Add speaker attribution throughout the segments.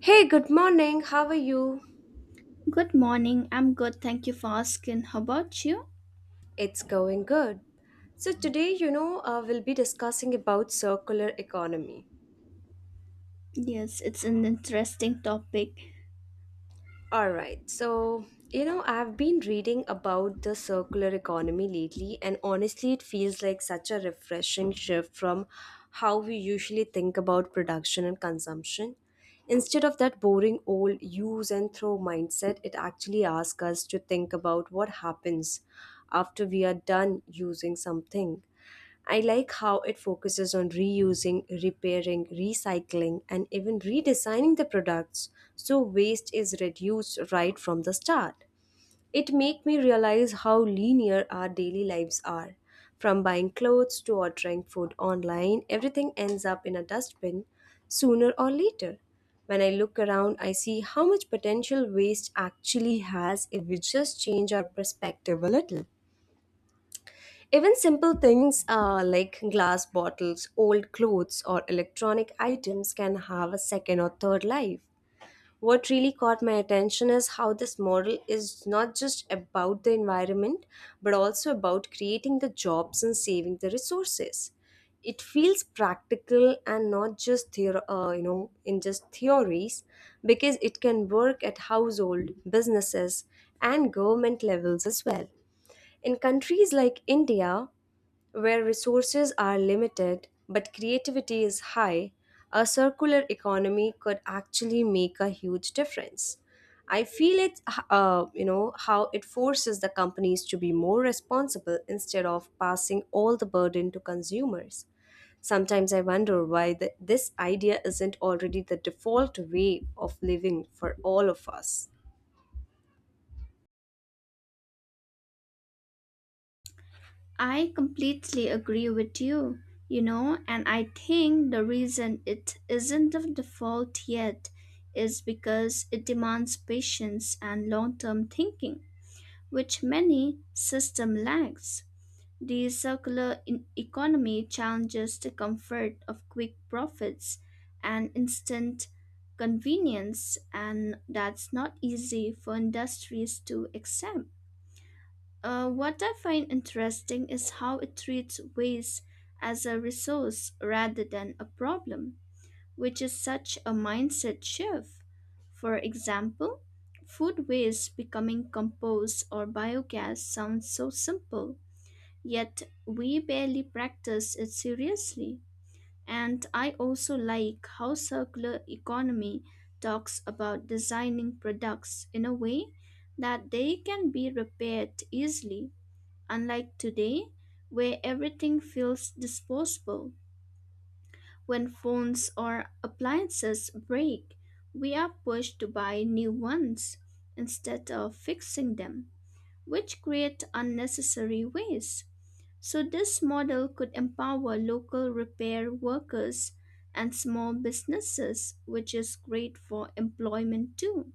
Speaker 1: Hey, good morning. How are you?
Speaker 2: Good morning. I'm good. Thank you for asking. How about you?
Speaker 1: It's going good. So today, we'll be discussing about circular economy.
Speaker 2: Yes, it's an interesting topic.
Speaker 1: All right. So, I've been reading about the circular economy lately, and honestly, it feels like such a refreshing shift from how we usually think about production and consumption. Instead of that boring old use and throw mindset, it actually asks us to think about what happens after we are done using something. I like how it focuses on reusing, repairing, recycling, and even redesigning the products so waste is reduced right from the start. It makes me realize how linear our daily lives are. From buying clothes to ordering food online, everything ends up in a dustbin sooner or later. When I look around, I see how much potential waste actually has if we just change our perspective a little. Even simple things like glass bottles, old clothes, or electronic items can have a second or third life. What really caught my attention is how this model is not just about the environment, but also about creating the jobs and saving the resources. It feels practical and not just in just theories, because it can work at household, businesses, and government levels as well. In countries like India, where resources are limited but creativity is high, a circular economy could actually make a huge difference. I feel it, how it forces the companies to be more responsible instead of passing all the burden to consumers. Sometimes I wonder why this idea isn't already the default way of living for all of us.
Speaker 2: I completely agree with you, and I think the reason it isn't the default yet is because it demands patience and long term thinking. Which many system lacks. The economy challenges the comfort of quick profits and instant convenience, and that's not easy for industries to accept. What I find interesting is how it treats waste as a resource rather than a problem, which is such a mindset shift. For example, food waste becoming compost or biogas sounds so simple, yet we barely practice it seriously. And I also like how circular economy talks about designing products in a way that they can be repaired easily, unlike today where everything feels disposable. When phones or appliances break, we are pushed to buy new ones instead of fixing them, which create unnecessary waste. So this model could empower local repair workers and small businesses, which is great for employment too.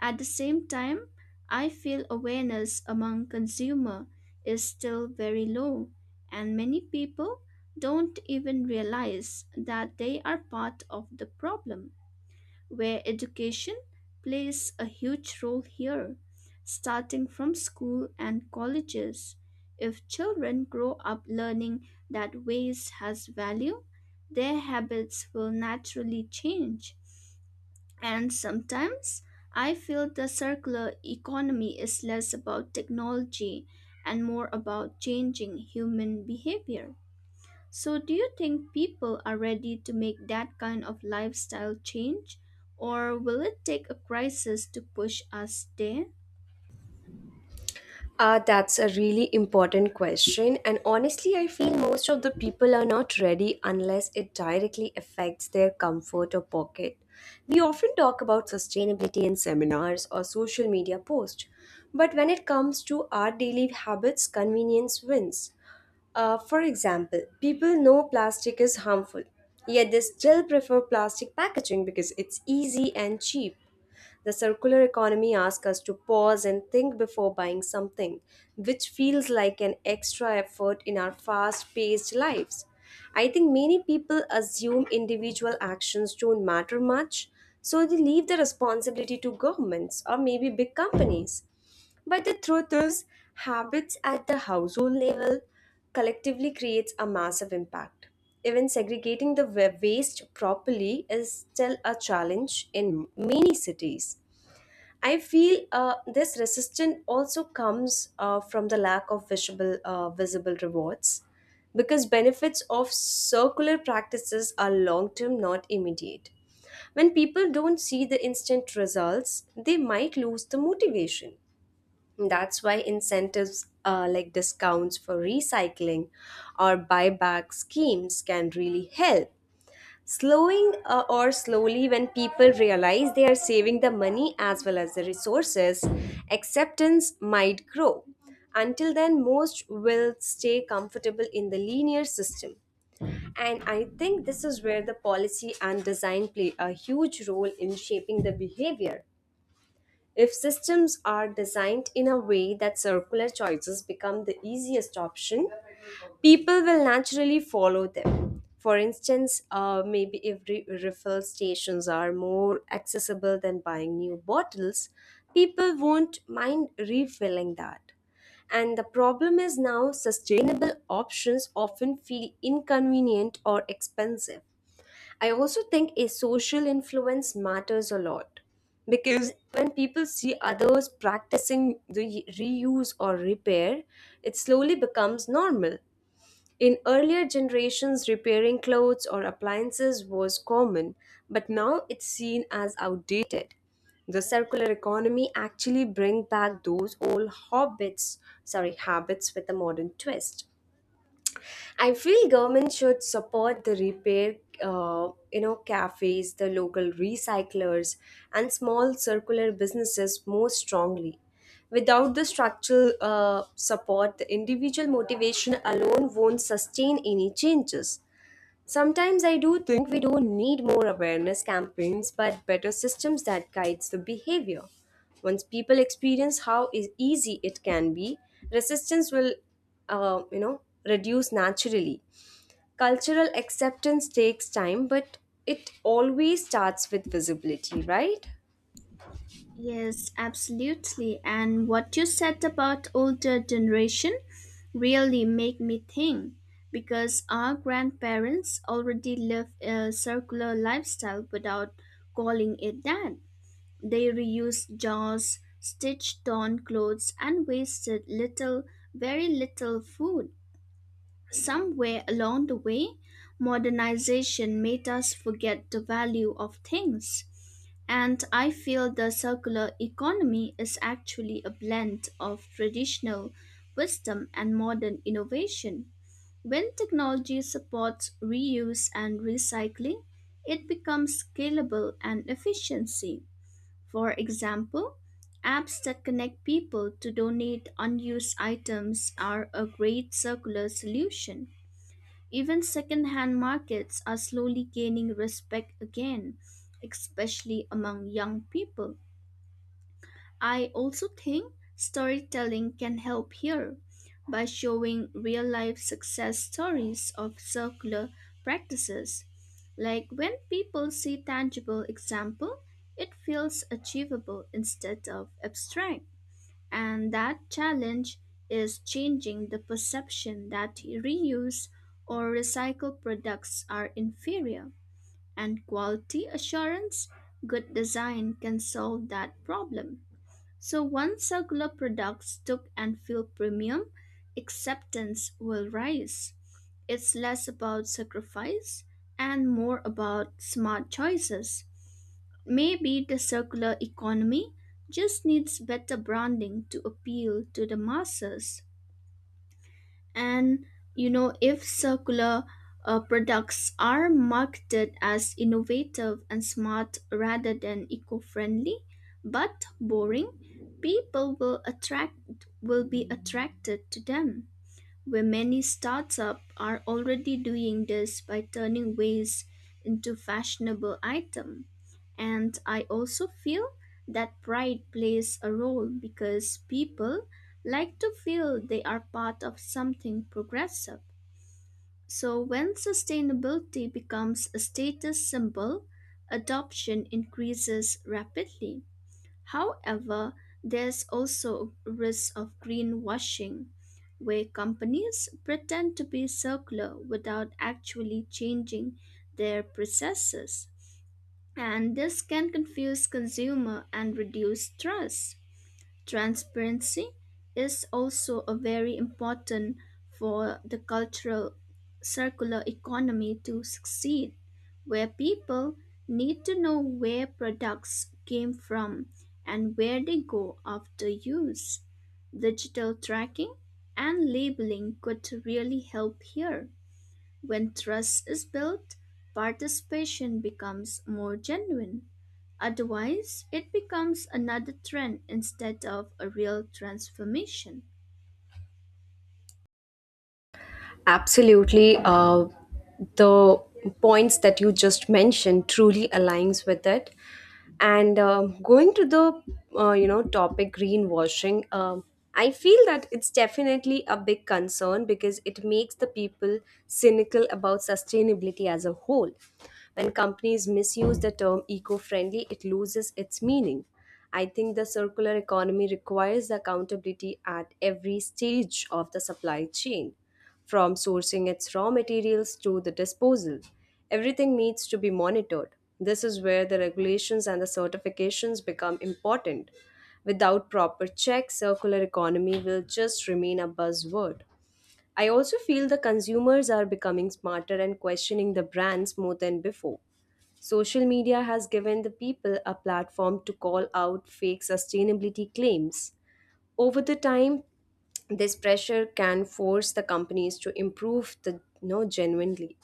Speaker 2: At the same time, I feel awareness among consumer is still very low and many people don't even realize that they are part of the problem, where education plays a huge role here, starting from school and colleges. If children grow up learning that waste has value, their habits will naturally change. And sometimes I feel the circular economy is less about technology and more about changing human behavior. So, do you think people are ready to make that kind of lifestyle change, or will it take a crisis to push us there?
Speaker 1: That's a really important question. And honestly, I feel most of the people are not ready unless it directly affects their comfort or pocket. We often talk about sustainability in seminars or social media posts, but when it comes to our daily habits, convenience wins. For example, people know plastic is harmful, yet they still prefer plastic packaging because it's easy and cheap. The circular economy asks us to pause and think before buying something, which feels like an extra effort in our fast paced lives. I think many people assume individual actions don't matter much, so they leave the responsibility to governments or maybe big companies. But the truth is, habits at the household level collectively creates a massive impact. Even segregating the waste properly is still a challenge in many cities. I feel this resistance also comes from the lack of visible, visible rewards because benefits of circular practices are long term, not immediate. When people don't see the instant results, they might lose the motivation. That's why incentives like discounts for recycling or buyback schemes can really help. Slowing or slowly, when people realize they are saving the money as well as the resources, acceptance might grow. Until then, most will stay comfortable in the linear system. And I think this is where the policy and design play a huge role in shaping the behavior. If systems are designed in a way that circular choices become the easiest option, people will naturally follow them. For instance, maybe if refill stations are more accessible than buying new bottles, people won't mind refilling that. And the problem is now sustainable options often feel inconvenient or expensive. I also think a social influence matters a lot because when people see others practicing the reuse or repair, it slowly becomes normal. In earlier generations, repairing clothes or appliances was common, but now it's seen as outdated. The circular economy actually bring back those old hobbits, sorry, habits with a modern twist. I feel government should support the repair, cafes, the local recyclers, and small circular businesses more strongly. Without the structural support, the individual motivation alone won't sustain any changes. Sometimes I do think we don't need more awareness campaigns but better systems that guides the behavior. Once people experience how is easy it can be, resistance will uh, you know reduce naturally. Cultural acceptance takes time but it always starts with visibility, right?
Speaker 2: Yes, absolutely. And what you said about older generation really make me think, because our grandparents already live a circular lifestyle without calling it that. They reuse jars, stitch torn clothes and wasted little, very little food. Somewhere along the way, modernization made us forget the value of things. And I feel the circular economy is actually a blend of traditional wisdom and modern innovation. When technology supports reuse and recycling, it becomes scalable and efficiency. For example, apps that connect people to donate unused items are a great circular solution. Even secondhand markets are slowly gaining respect again, especially among young people. I also think storytelling can help here by showing real life success stories of circular practices. Like when people see tangible example, it feels achievable instead of abstract. And that challenge is changing the perception that reuse or recycled products are inferior. And quality assurance, good design can solve that problem. So once circular products took and feel premium, acceptance will rise. It's less about sacrifice and more about smart choices. Maybe the circular economy just needs better branding to appeal to the masses. And if circular products are marketed as innovative and smart rather than eco-friendly but boring, people will attract will be attracted to them, where many startups are already doing this by turning waste into fashionable item. And I also feel that pride plays a role because people like to feel they are part of something progressive. So when sustainability becomes a status symbol, adoption increases rapidly. However, there's also a risk of greenwashing, where companies pretend to be circular without actually changing their processes. And this can confuse consumer and reduce trust. Transparency is also a very important for the cultural circular economy to succeed, where people need to know where products came from and where they go after use. Digital tracking and labeling could really help here. When trust is built, participation becomes more genuine. Otherwise, it becomes another trend instead of a real transformation.
Speaker 1: Absolutely. The points that you just mentioned truly aligns with it. And going to the topic greenwashing, I feel that it's definitely a big concern because it makes the people cynical about sustainability as a whole. When companies misuse the term eco-friendly, it loses its meaning. I think the circular economy requires accountability at every stage of the supply chain from sourcing its raw materials to the disposal, everything needs to be monitored. This is where the regulations and the certifications become important. Without proper checks, circular economy will just remain a buzzword. I also feel the consumers are becoming smarter and questioning the brands more than before. Social media has given the people a platform to call out fake sustainability claims over the time. This pressure can force the companies to improve the, genuinely.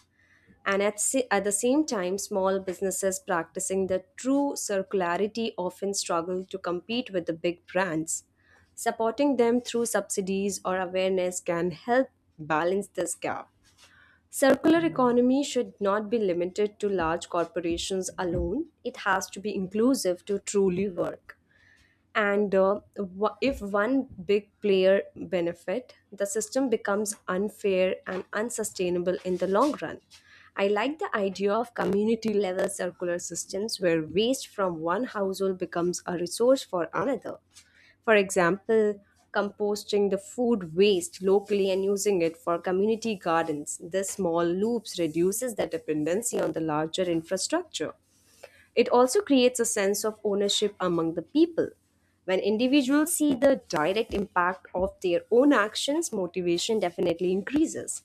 Speaker 1: And at the same time, small businesses practicing the true circularity often struggle to compete with the big brands. Supporting them through subsidies or awareness can help balance this gap. Circular economy should not be limited to large corporations alone; it has to be inclusive to truly work. And if one big player benefit, the system becomes unfair and unsustainable in the long run. I like the idea of community level circular systems where waste from one household becomes a resource for another. For example, composting the food waste locally and using it for community gardens. This small loops reduces the dependency on the larger infrastructure. It also creates a sense of ownership among the people. When individuals see the direct impact of their own actions, motivation definitely increases.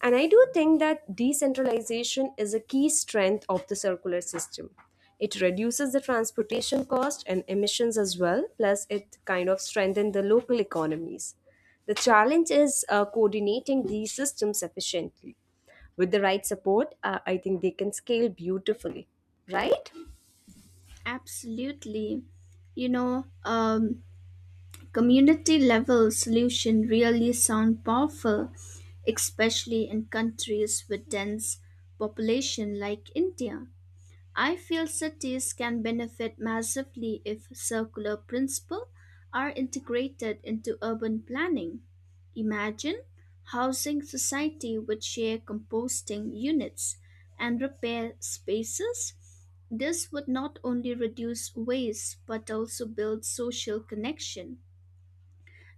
Speaker 1: And I do think that decentralization is a key strength of the circular system. It reduces the transportation cost and emissions as well, plus, it kind of strengthens the local economies. The challenge is coordinating these systems efficiently. With the right support, I think they can scale beautifully, right?
Speaker 2: Absolutely. You know, um, community level solution really sound powerful, especially in countries with dense population like India. I feel cities can benefit massively if circular principles are integrated into urban planning. Imagine housing society with share composting units and repair spaces. This would not only reduce waste but also build social connection.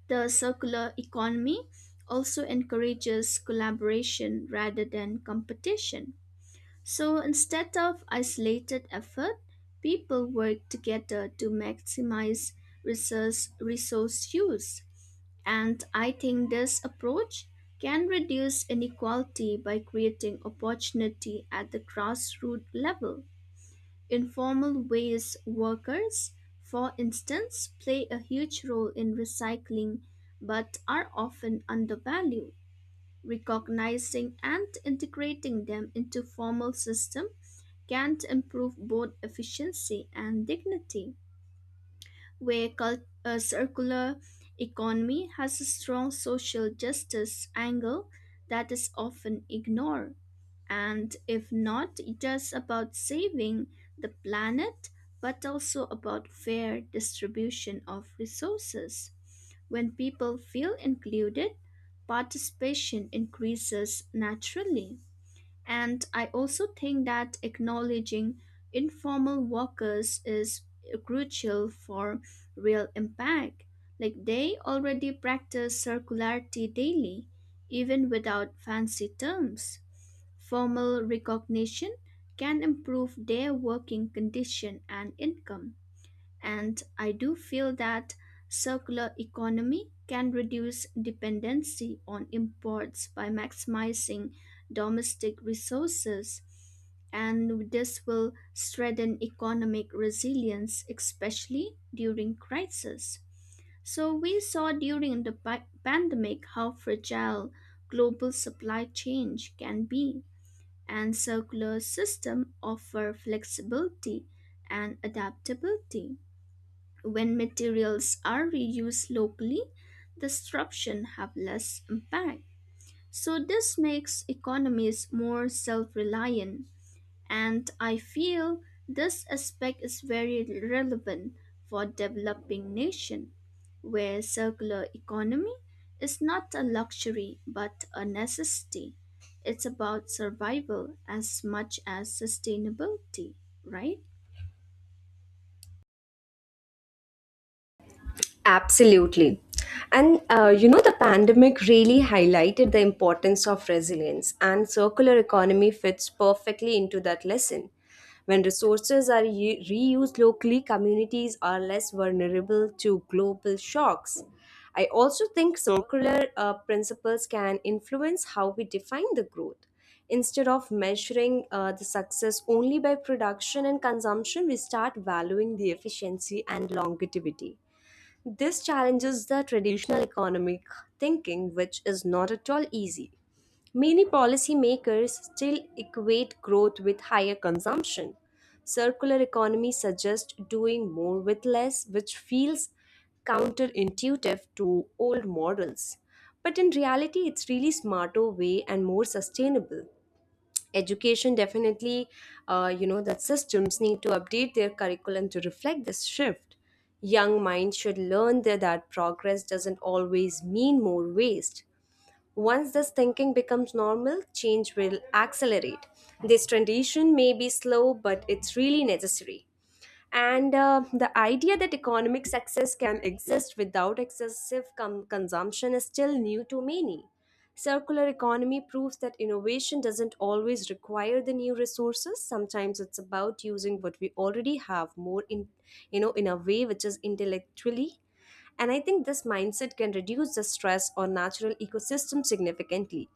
Speaker 2: The circular economy also encourages collaboration rather than competition, so instead of isolated effort, people work together to maximize resource use. And I think this approach can reduce inequality by creating opportunity at the grassroots level. Informal ways workers, for instance, play a huge role in recycling but are often undervalued. Recognizing and integrating them into formal system can improve both efficiency and dignity, a circular economy has a strong social justice angle that is often ignored. And if not just about saving the planet, but also about fair distribution of resources. When people feel included, participation increases naturally. And I also think that acknowledging informal workers is crucial for real impact. Like they already practice circularity daily, even without fancy terms. Formal recognition can improve their working condition and income. And I do feel that circular economy can reduce dependency on imports by maximizing domestic resources. And this will strengthen economic resilience, especially during crisis. So we saw during the pandemic how fragile global supply chain can be, and circular system offer flexibility and adaptability. When materials are reused locally, disruption have less impact. So this makes economies more self-reliant. And I feel this aspect is very relevant for developing nation, where circular economy is not a luxury but a necessity. It's about survival as much as sustainability, right?
Speaker 1: Absolutely. And the pandemic really highlighted the importance of resilience, and circular economy fits perfectly into that lesson. When resources are reused locally, communities are less vulnerable to global shocks. I also think circular principles can influence how we define the growth. Instead of measuring the success only by production and consumption, we start valuing the efficiency and longevity. This challenges the traditional economic thinking, which is not at all easy. Many policymakers still equate growth with higher consumption. Circular economy suggests doing more with less, which feels counterintuitive to old models. But in reality, it's really smarter way and more sustainable. Education definitely, that systems need to update their curriculum to reflect this shift. Young minds should learn that progress doesn't always mean more waste. Once this thinking becomes normal, change will accelerate. This transition may be slow, but it's really necessary. And the idea that economic success can exist without excessive consumption is still new to many. Circular economy proves that innovation doesn't always require the new resources. Sometimes it's about using what we already have more in, in a way which is intellectually. And I think this mindset can reduce the stress on natural ecosystems significantly.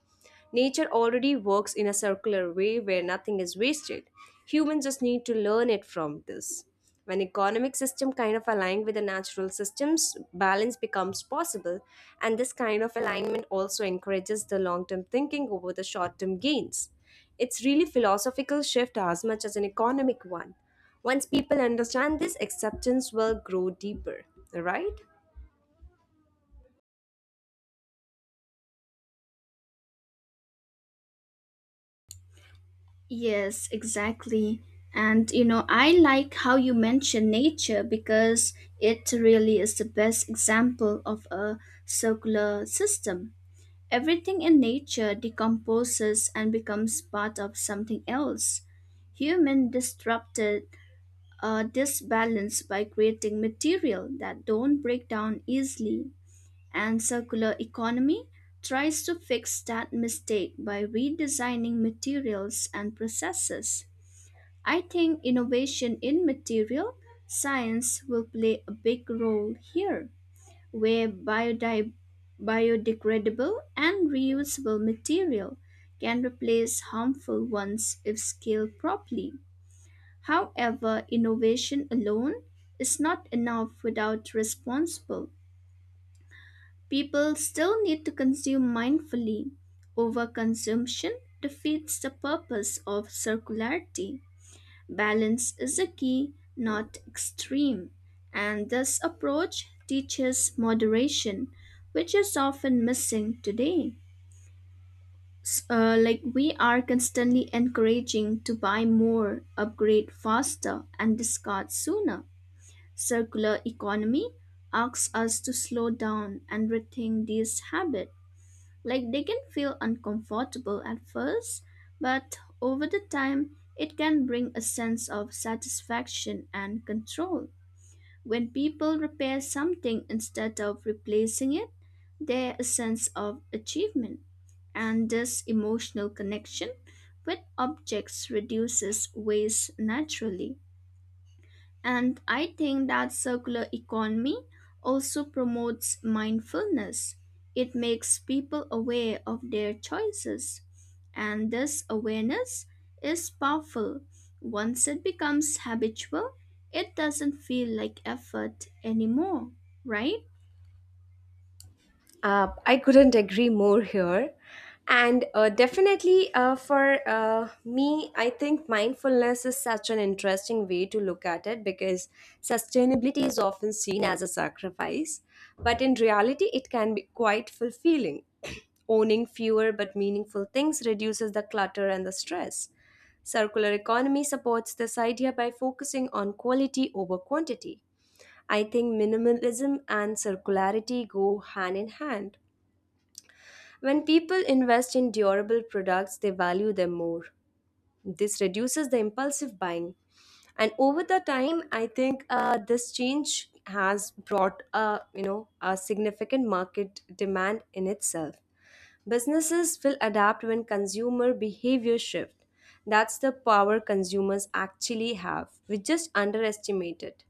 Speaker 1: Nature already works in a circular way where nothing is wasted. Humans just need to learn it from this. When economic system kind of align with the natural systems, balance becomes possible, and this kind of alignment also encourages the long-term thinking over the short-term gains. It's really philosophical shift as much as an economic one. Once people understand this, acceptance will grow deeper, right?
Speaker 2: Yes, exactly. And you know, I like how you mention nature because it really is the best example of a circular system. Everything in nature decomposes and becomes part of something else. Human disrupted this balance by creating material that don't break down easily, and circular economy tries to fix that mistake by redesigning materials and processes. I think innovation in material science will play a big role here, where biodegradable and reusable material can replace harmful ones if scaled properly. However, innovation alone is not enough without responsible. People still need to consume mindfully. Overconsumption defeats the purpose of circularity. Balance is the key, not extreme, and this approach teaches moderation, which is often missing today. Like we are constantly encouraging to buy more, upgrade faster, and discard sooner. Circular economy asks us to slow down and rethink these habits. Like they can feel uncomfortable at first, but over the time, it can bring a sense of satisfaction and control. When people repair something instead of replacing it, there's a sense of achievement. And this emotional connection with objects reduces waste naturally. And I think that circular economy also promotes mindfulness. It makes people aware of their choices. And this awareness is powerful. Once it becomes habitual, it doesn't feel like effort anymore, right?
Speaker 1: I couldn't agree more here. And definitely for me, I think mindfulness is such an interesting way to look at it because sustainability is often seen as a sacrifice. But in reality, it can be quite fulfilling. Owning fewer but meaningful things reduces the clutter and the stress. Circular economy supports this idea by focusing on quality over quantity. I think minimalism and circularity go hand in hand. When people invest in durable products, they value them more. This reduces the impulsive buying. And over the time, I think this change has brought a, a significant market demand in itself. Businesses will adapt when consumer behavior shift. That's the power consumers actually have. We just underestimate it.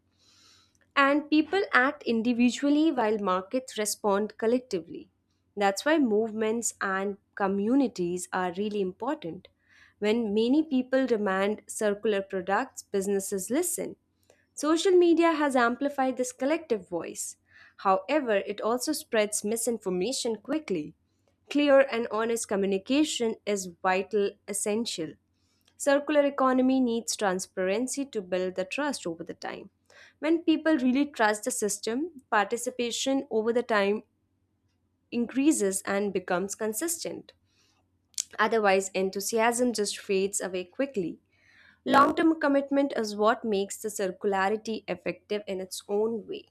Speaker 1: And people act individually while markets respond collectively. That's why movements and communities are really important. When many people demand circular products, businesses listen. Social media has amplified this collective voice. However, it also spreads misinformation quickly. Clear and honest communication is vital, essential. Circular economy needs transparency to build the trust over the time. When people really trust the system, participation over the time increases and becomes consistent. Otherwise, enthusiasm just fades away quickly. Long term commitment is what makes the circularity effective in its own way.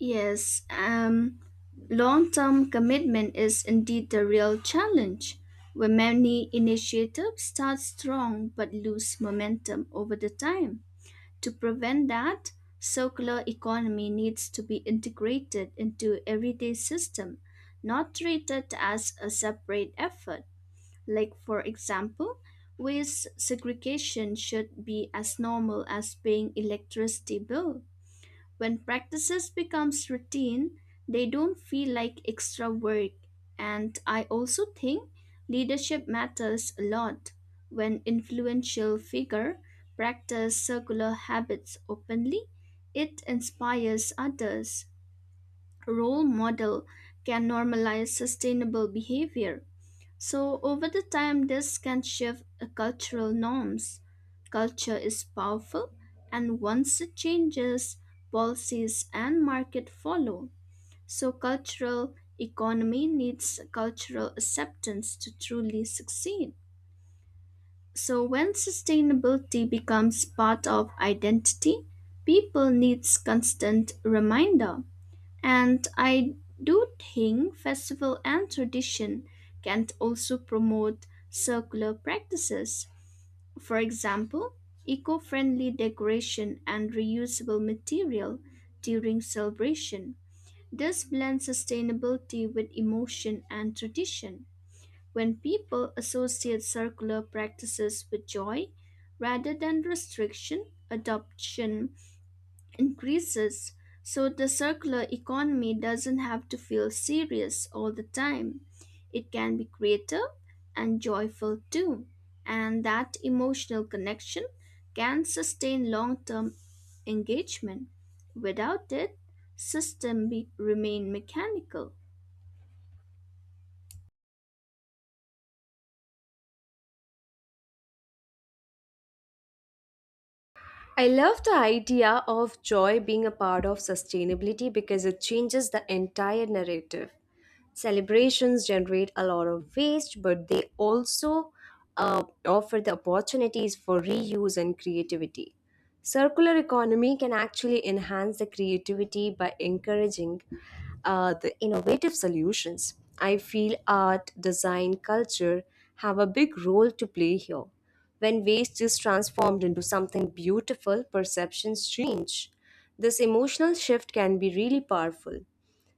Speaker 2: Yes, long term commitment is indeed the real challenge, where many initiatives start strong but lose momentum over the time. To prevent that, circular economy needs to be integrated into everyday system, not treated as a separate effort. Like for example, waste segregation should be as normal as paying electricity bill. When practices becomes routine, they don't feel like extra work. And I also think leadership matters a lot. When influential figure practice circular habits openly, it inspires others. Role model can normalize sustainable behavior. So over the time, this can shift cultural norms. Culture is powerful, and once it changes, policies and market follow. So cultural economy needs cultural acceptance to truly succeed. So when sustainability becomes part of identity, people needs constant reminder. And I do think festival and tradition can also promote circular practices. For example, eco-friendly decoration and reusable material during celebration. This blends sustainability with emotion and tradition. When people associate circular practices with joy rather than restriction, adoption increases, so the circular economy doesn't have to feel serious all the time. It can be creative and joyful too, and that emotional connection can sustain long term engagement. Without it, remain mechanical.
Speaker 1: I love the idea of joy being a part of sustainability because it changes the entire narrative. Celebrations generate a lot of waste, but they also offer the opportunities for reuse and creativity. Circular economy can actually enhance the creativity by encouraging the innovative solutions. I feel art, design, culture have a big role to play here when waste is transformed into something beautiful, perceptions change. This emotional shift can be really powerful.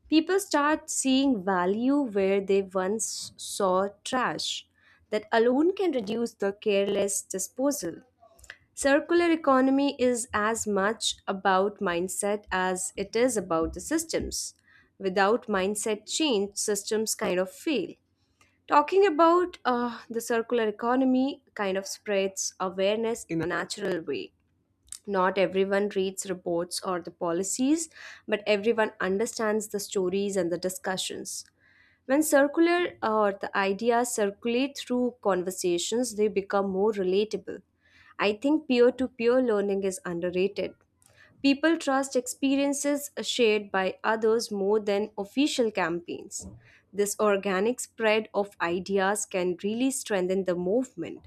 Speaker 1: People start seeing value where they once saw trash. That alone can reduce the careless disposal. Circular economy is as much about mindset as it is about the systems. Without mindset change, systems kind of fail. Talking about the circular economy kind of spreads awareness in a natural way. Not everyone reads reports or the policies, but everyone understands the stories and the discussions. When circular or the ideas circulate through conversations, they become more relatable. I think peer to peer learning is underrated. People trust experiences shared by others more than official campaigns. This organic spread of ideas can really strengthen the movement.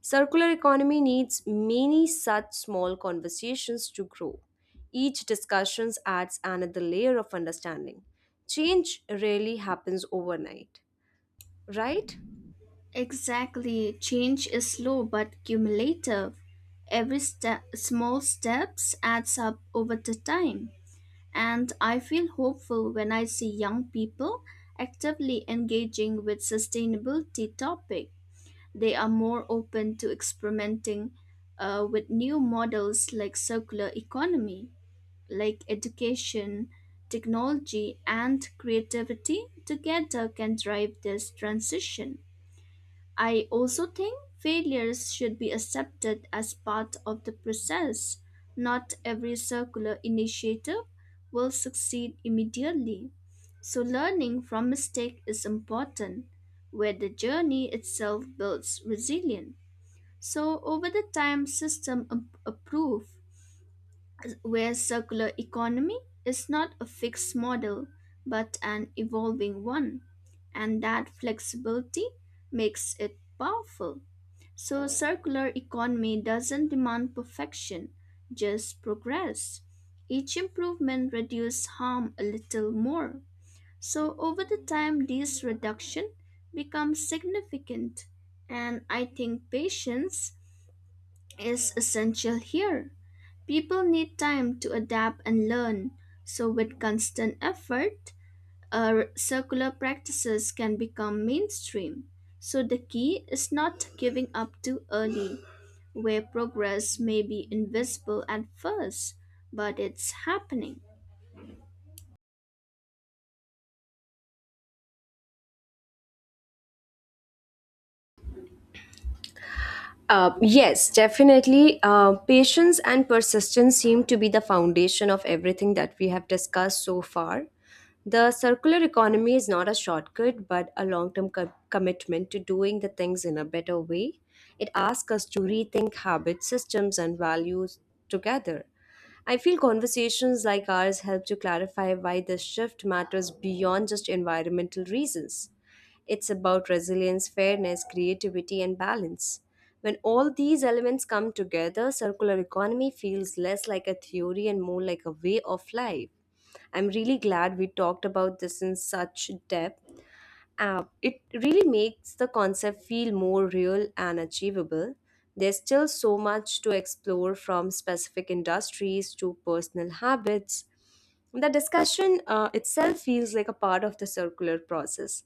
Speaker 1: Circular economy needs many such small conversations to grow. Each discussion adds another layer of understanding. Change rarely happens overnight, right?
Speaker 2: Exactly, change is slow but cumulative. Small steps adds up over the time. And I feel hopeful when I see young people actively engaging with sustainability topic. They are more open to experimenting with new models like circular economy, like education, technology, and creativity together can drive this transition. I also think failures should be accepted as part of the process. Not every circular initiative will succeed immediately. So, learning from mistake is important, where the journey itself builds resilience. So, over the time, improve, where circular economy is not a fixed model but an evolving one, and that flexibility makes it powerful. So, circular economy doesn't demand perfection, just progress. Each improvement reduces harm a little more. So, over the time, this reduction becomes significant. And I think patience is essential here. People need time to adapt and learn. So, with constant effort, circular practices can become mainstream. So the key is not giving up too early, where progress may be invisible at first, but it's happening.
Speaker 1: Yes, definitely. Patience and persistence seem to be the foundation of everything that we have discussed so far. The circular economy is not a shortcut, but a long term commitment to doing the things in a better way. It asks us to rethink habits, systems, and values together. I feel conversations like ours help to clarify why this shift matters beyond just environmental reasons. It's about resilience, fairness, creativity, and balance. When all these elements come together, circular economy feels less like a theory and more like a way of life. I'm really glad we talked about this in such depth. It really makes the concept feel more real and achievable. There's still so much to explore from specific industries to personal habits. The discussion itself feels like a part of the circular process,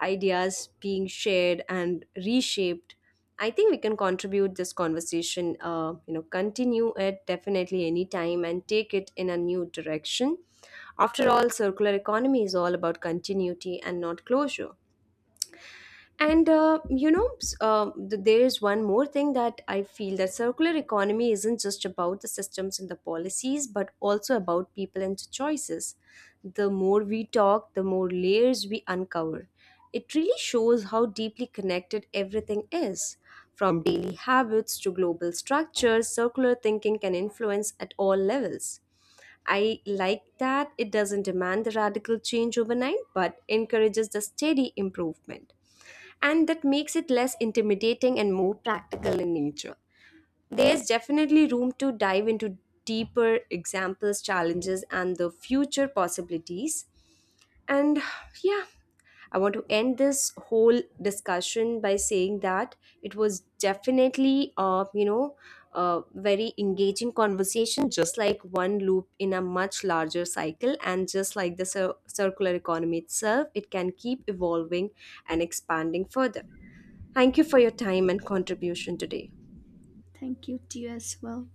Speaker 1: ideas being shared and reshaped. I think we can contribute this conversation, continue it definitely anytime and take it in a new direction. After all, circular economy is all about continuity and not closure. And there is one more thing that I feel that circular economy isn't just about the systems and the policies, but also about people and choices. The more we talk, the more layers we uncover. It really shows how deeply connected everything is. From daily habits to global structures, circular thinking can influence at all levels. I like that it doesn't demand the radical change overnight, but encourages the steady improvement and that makes it less intimidating and more practical in nature. There's definitely room to dive into deeper examples, challenges, and the future possibilities. And yeah, I want to end this whole discussion by saying that it was definitely, a very engaging conversation, just like one loop in a much larger cycle. And just like the circular economy itself, it can keep evolving and expanding further. Thank you for your time and contribution today.
Speaker 2: Thank you to you as well.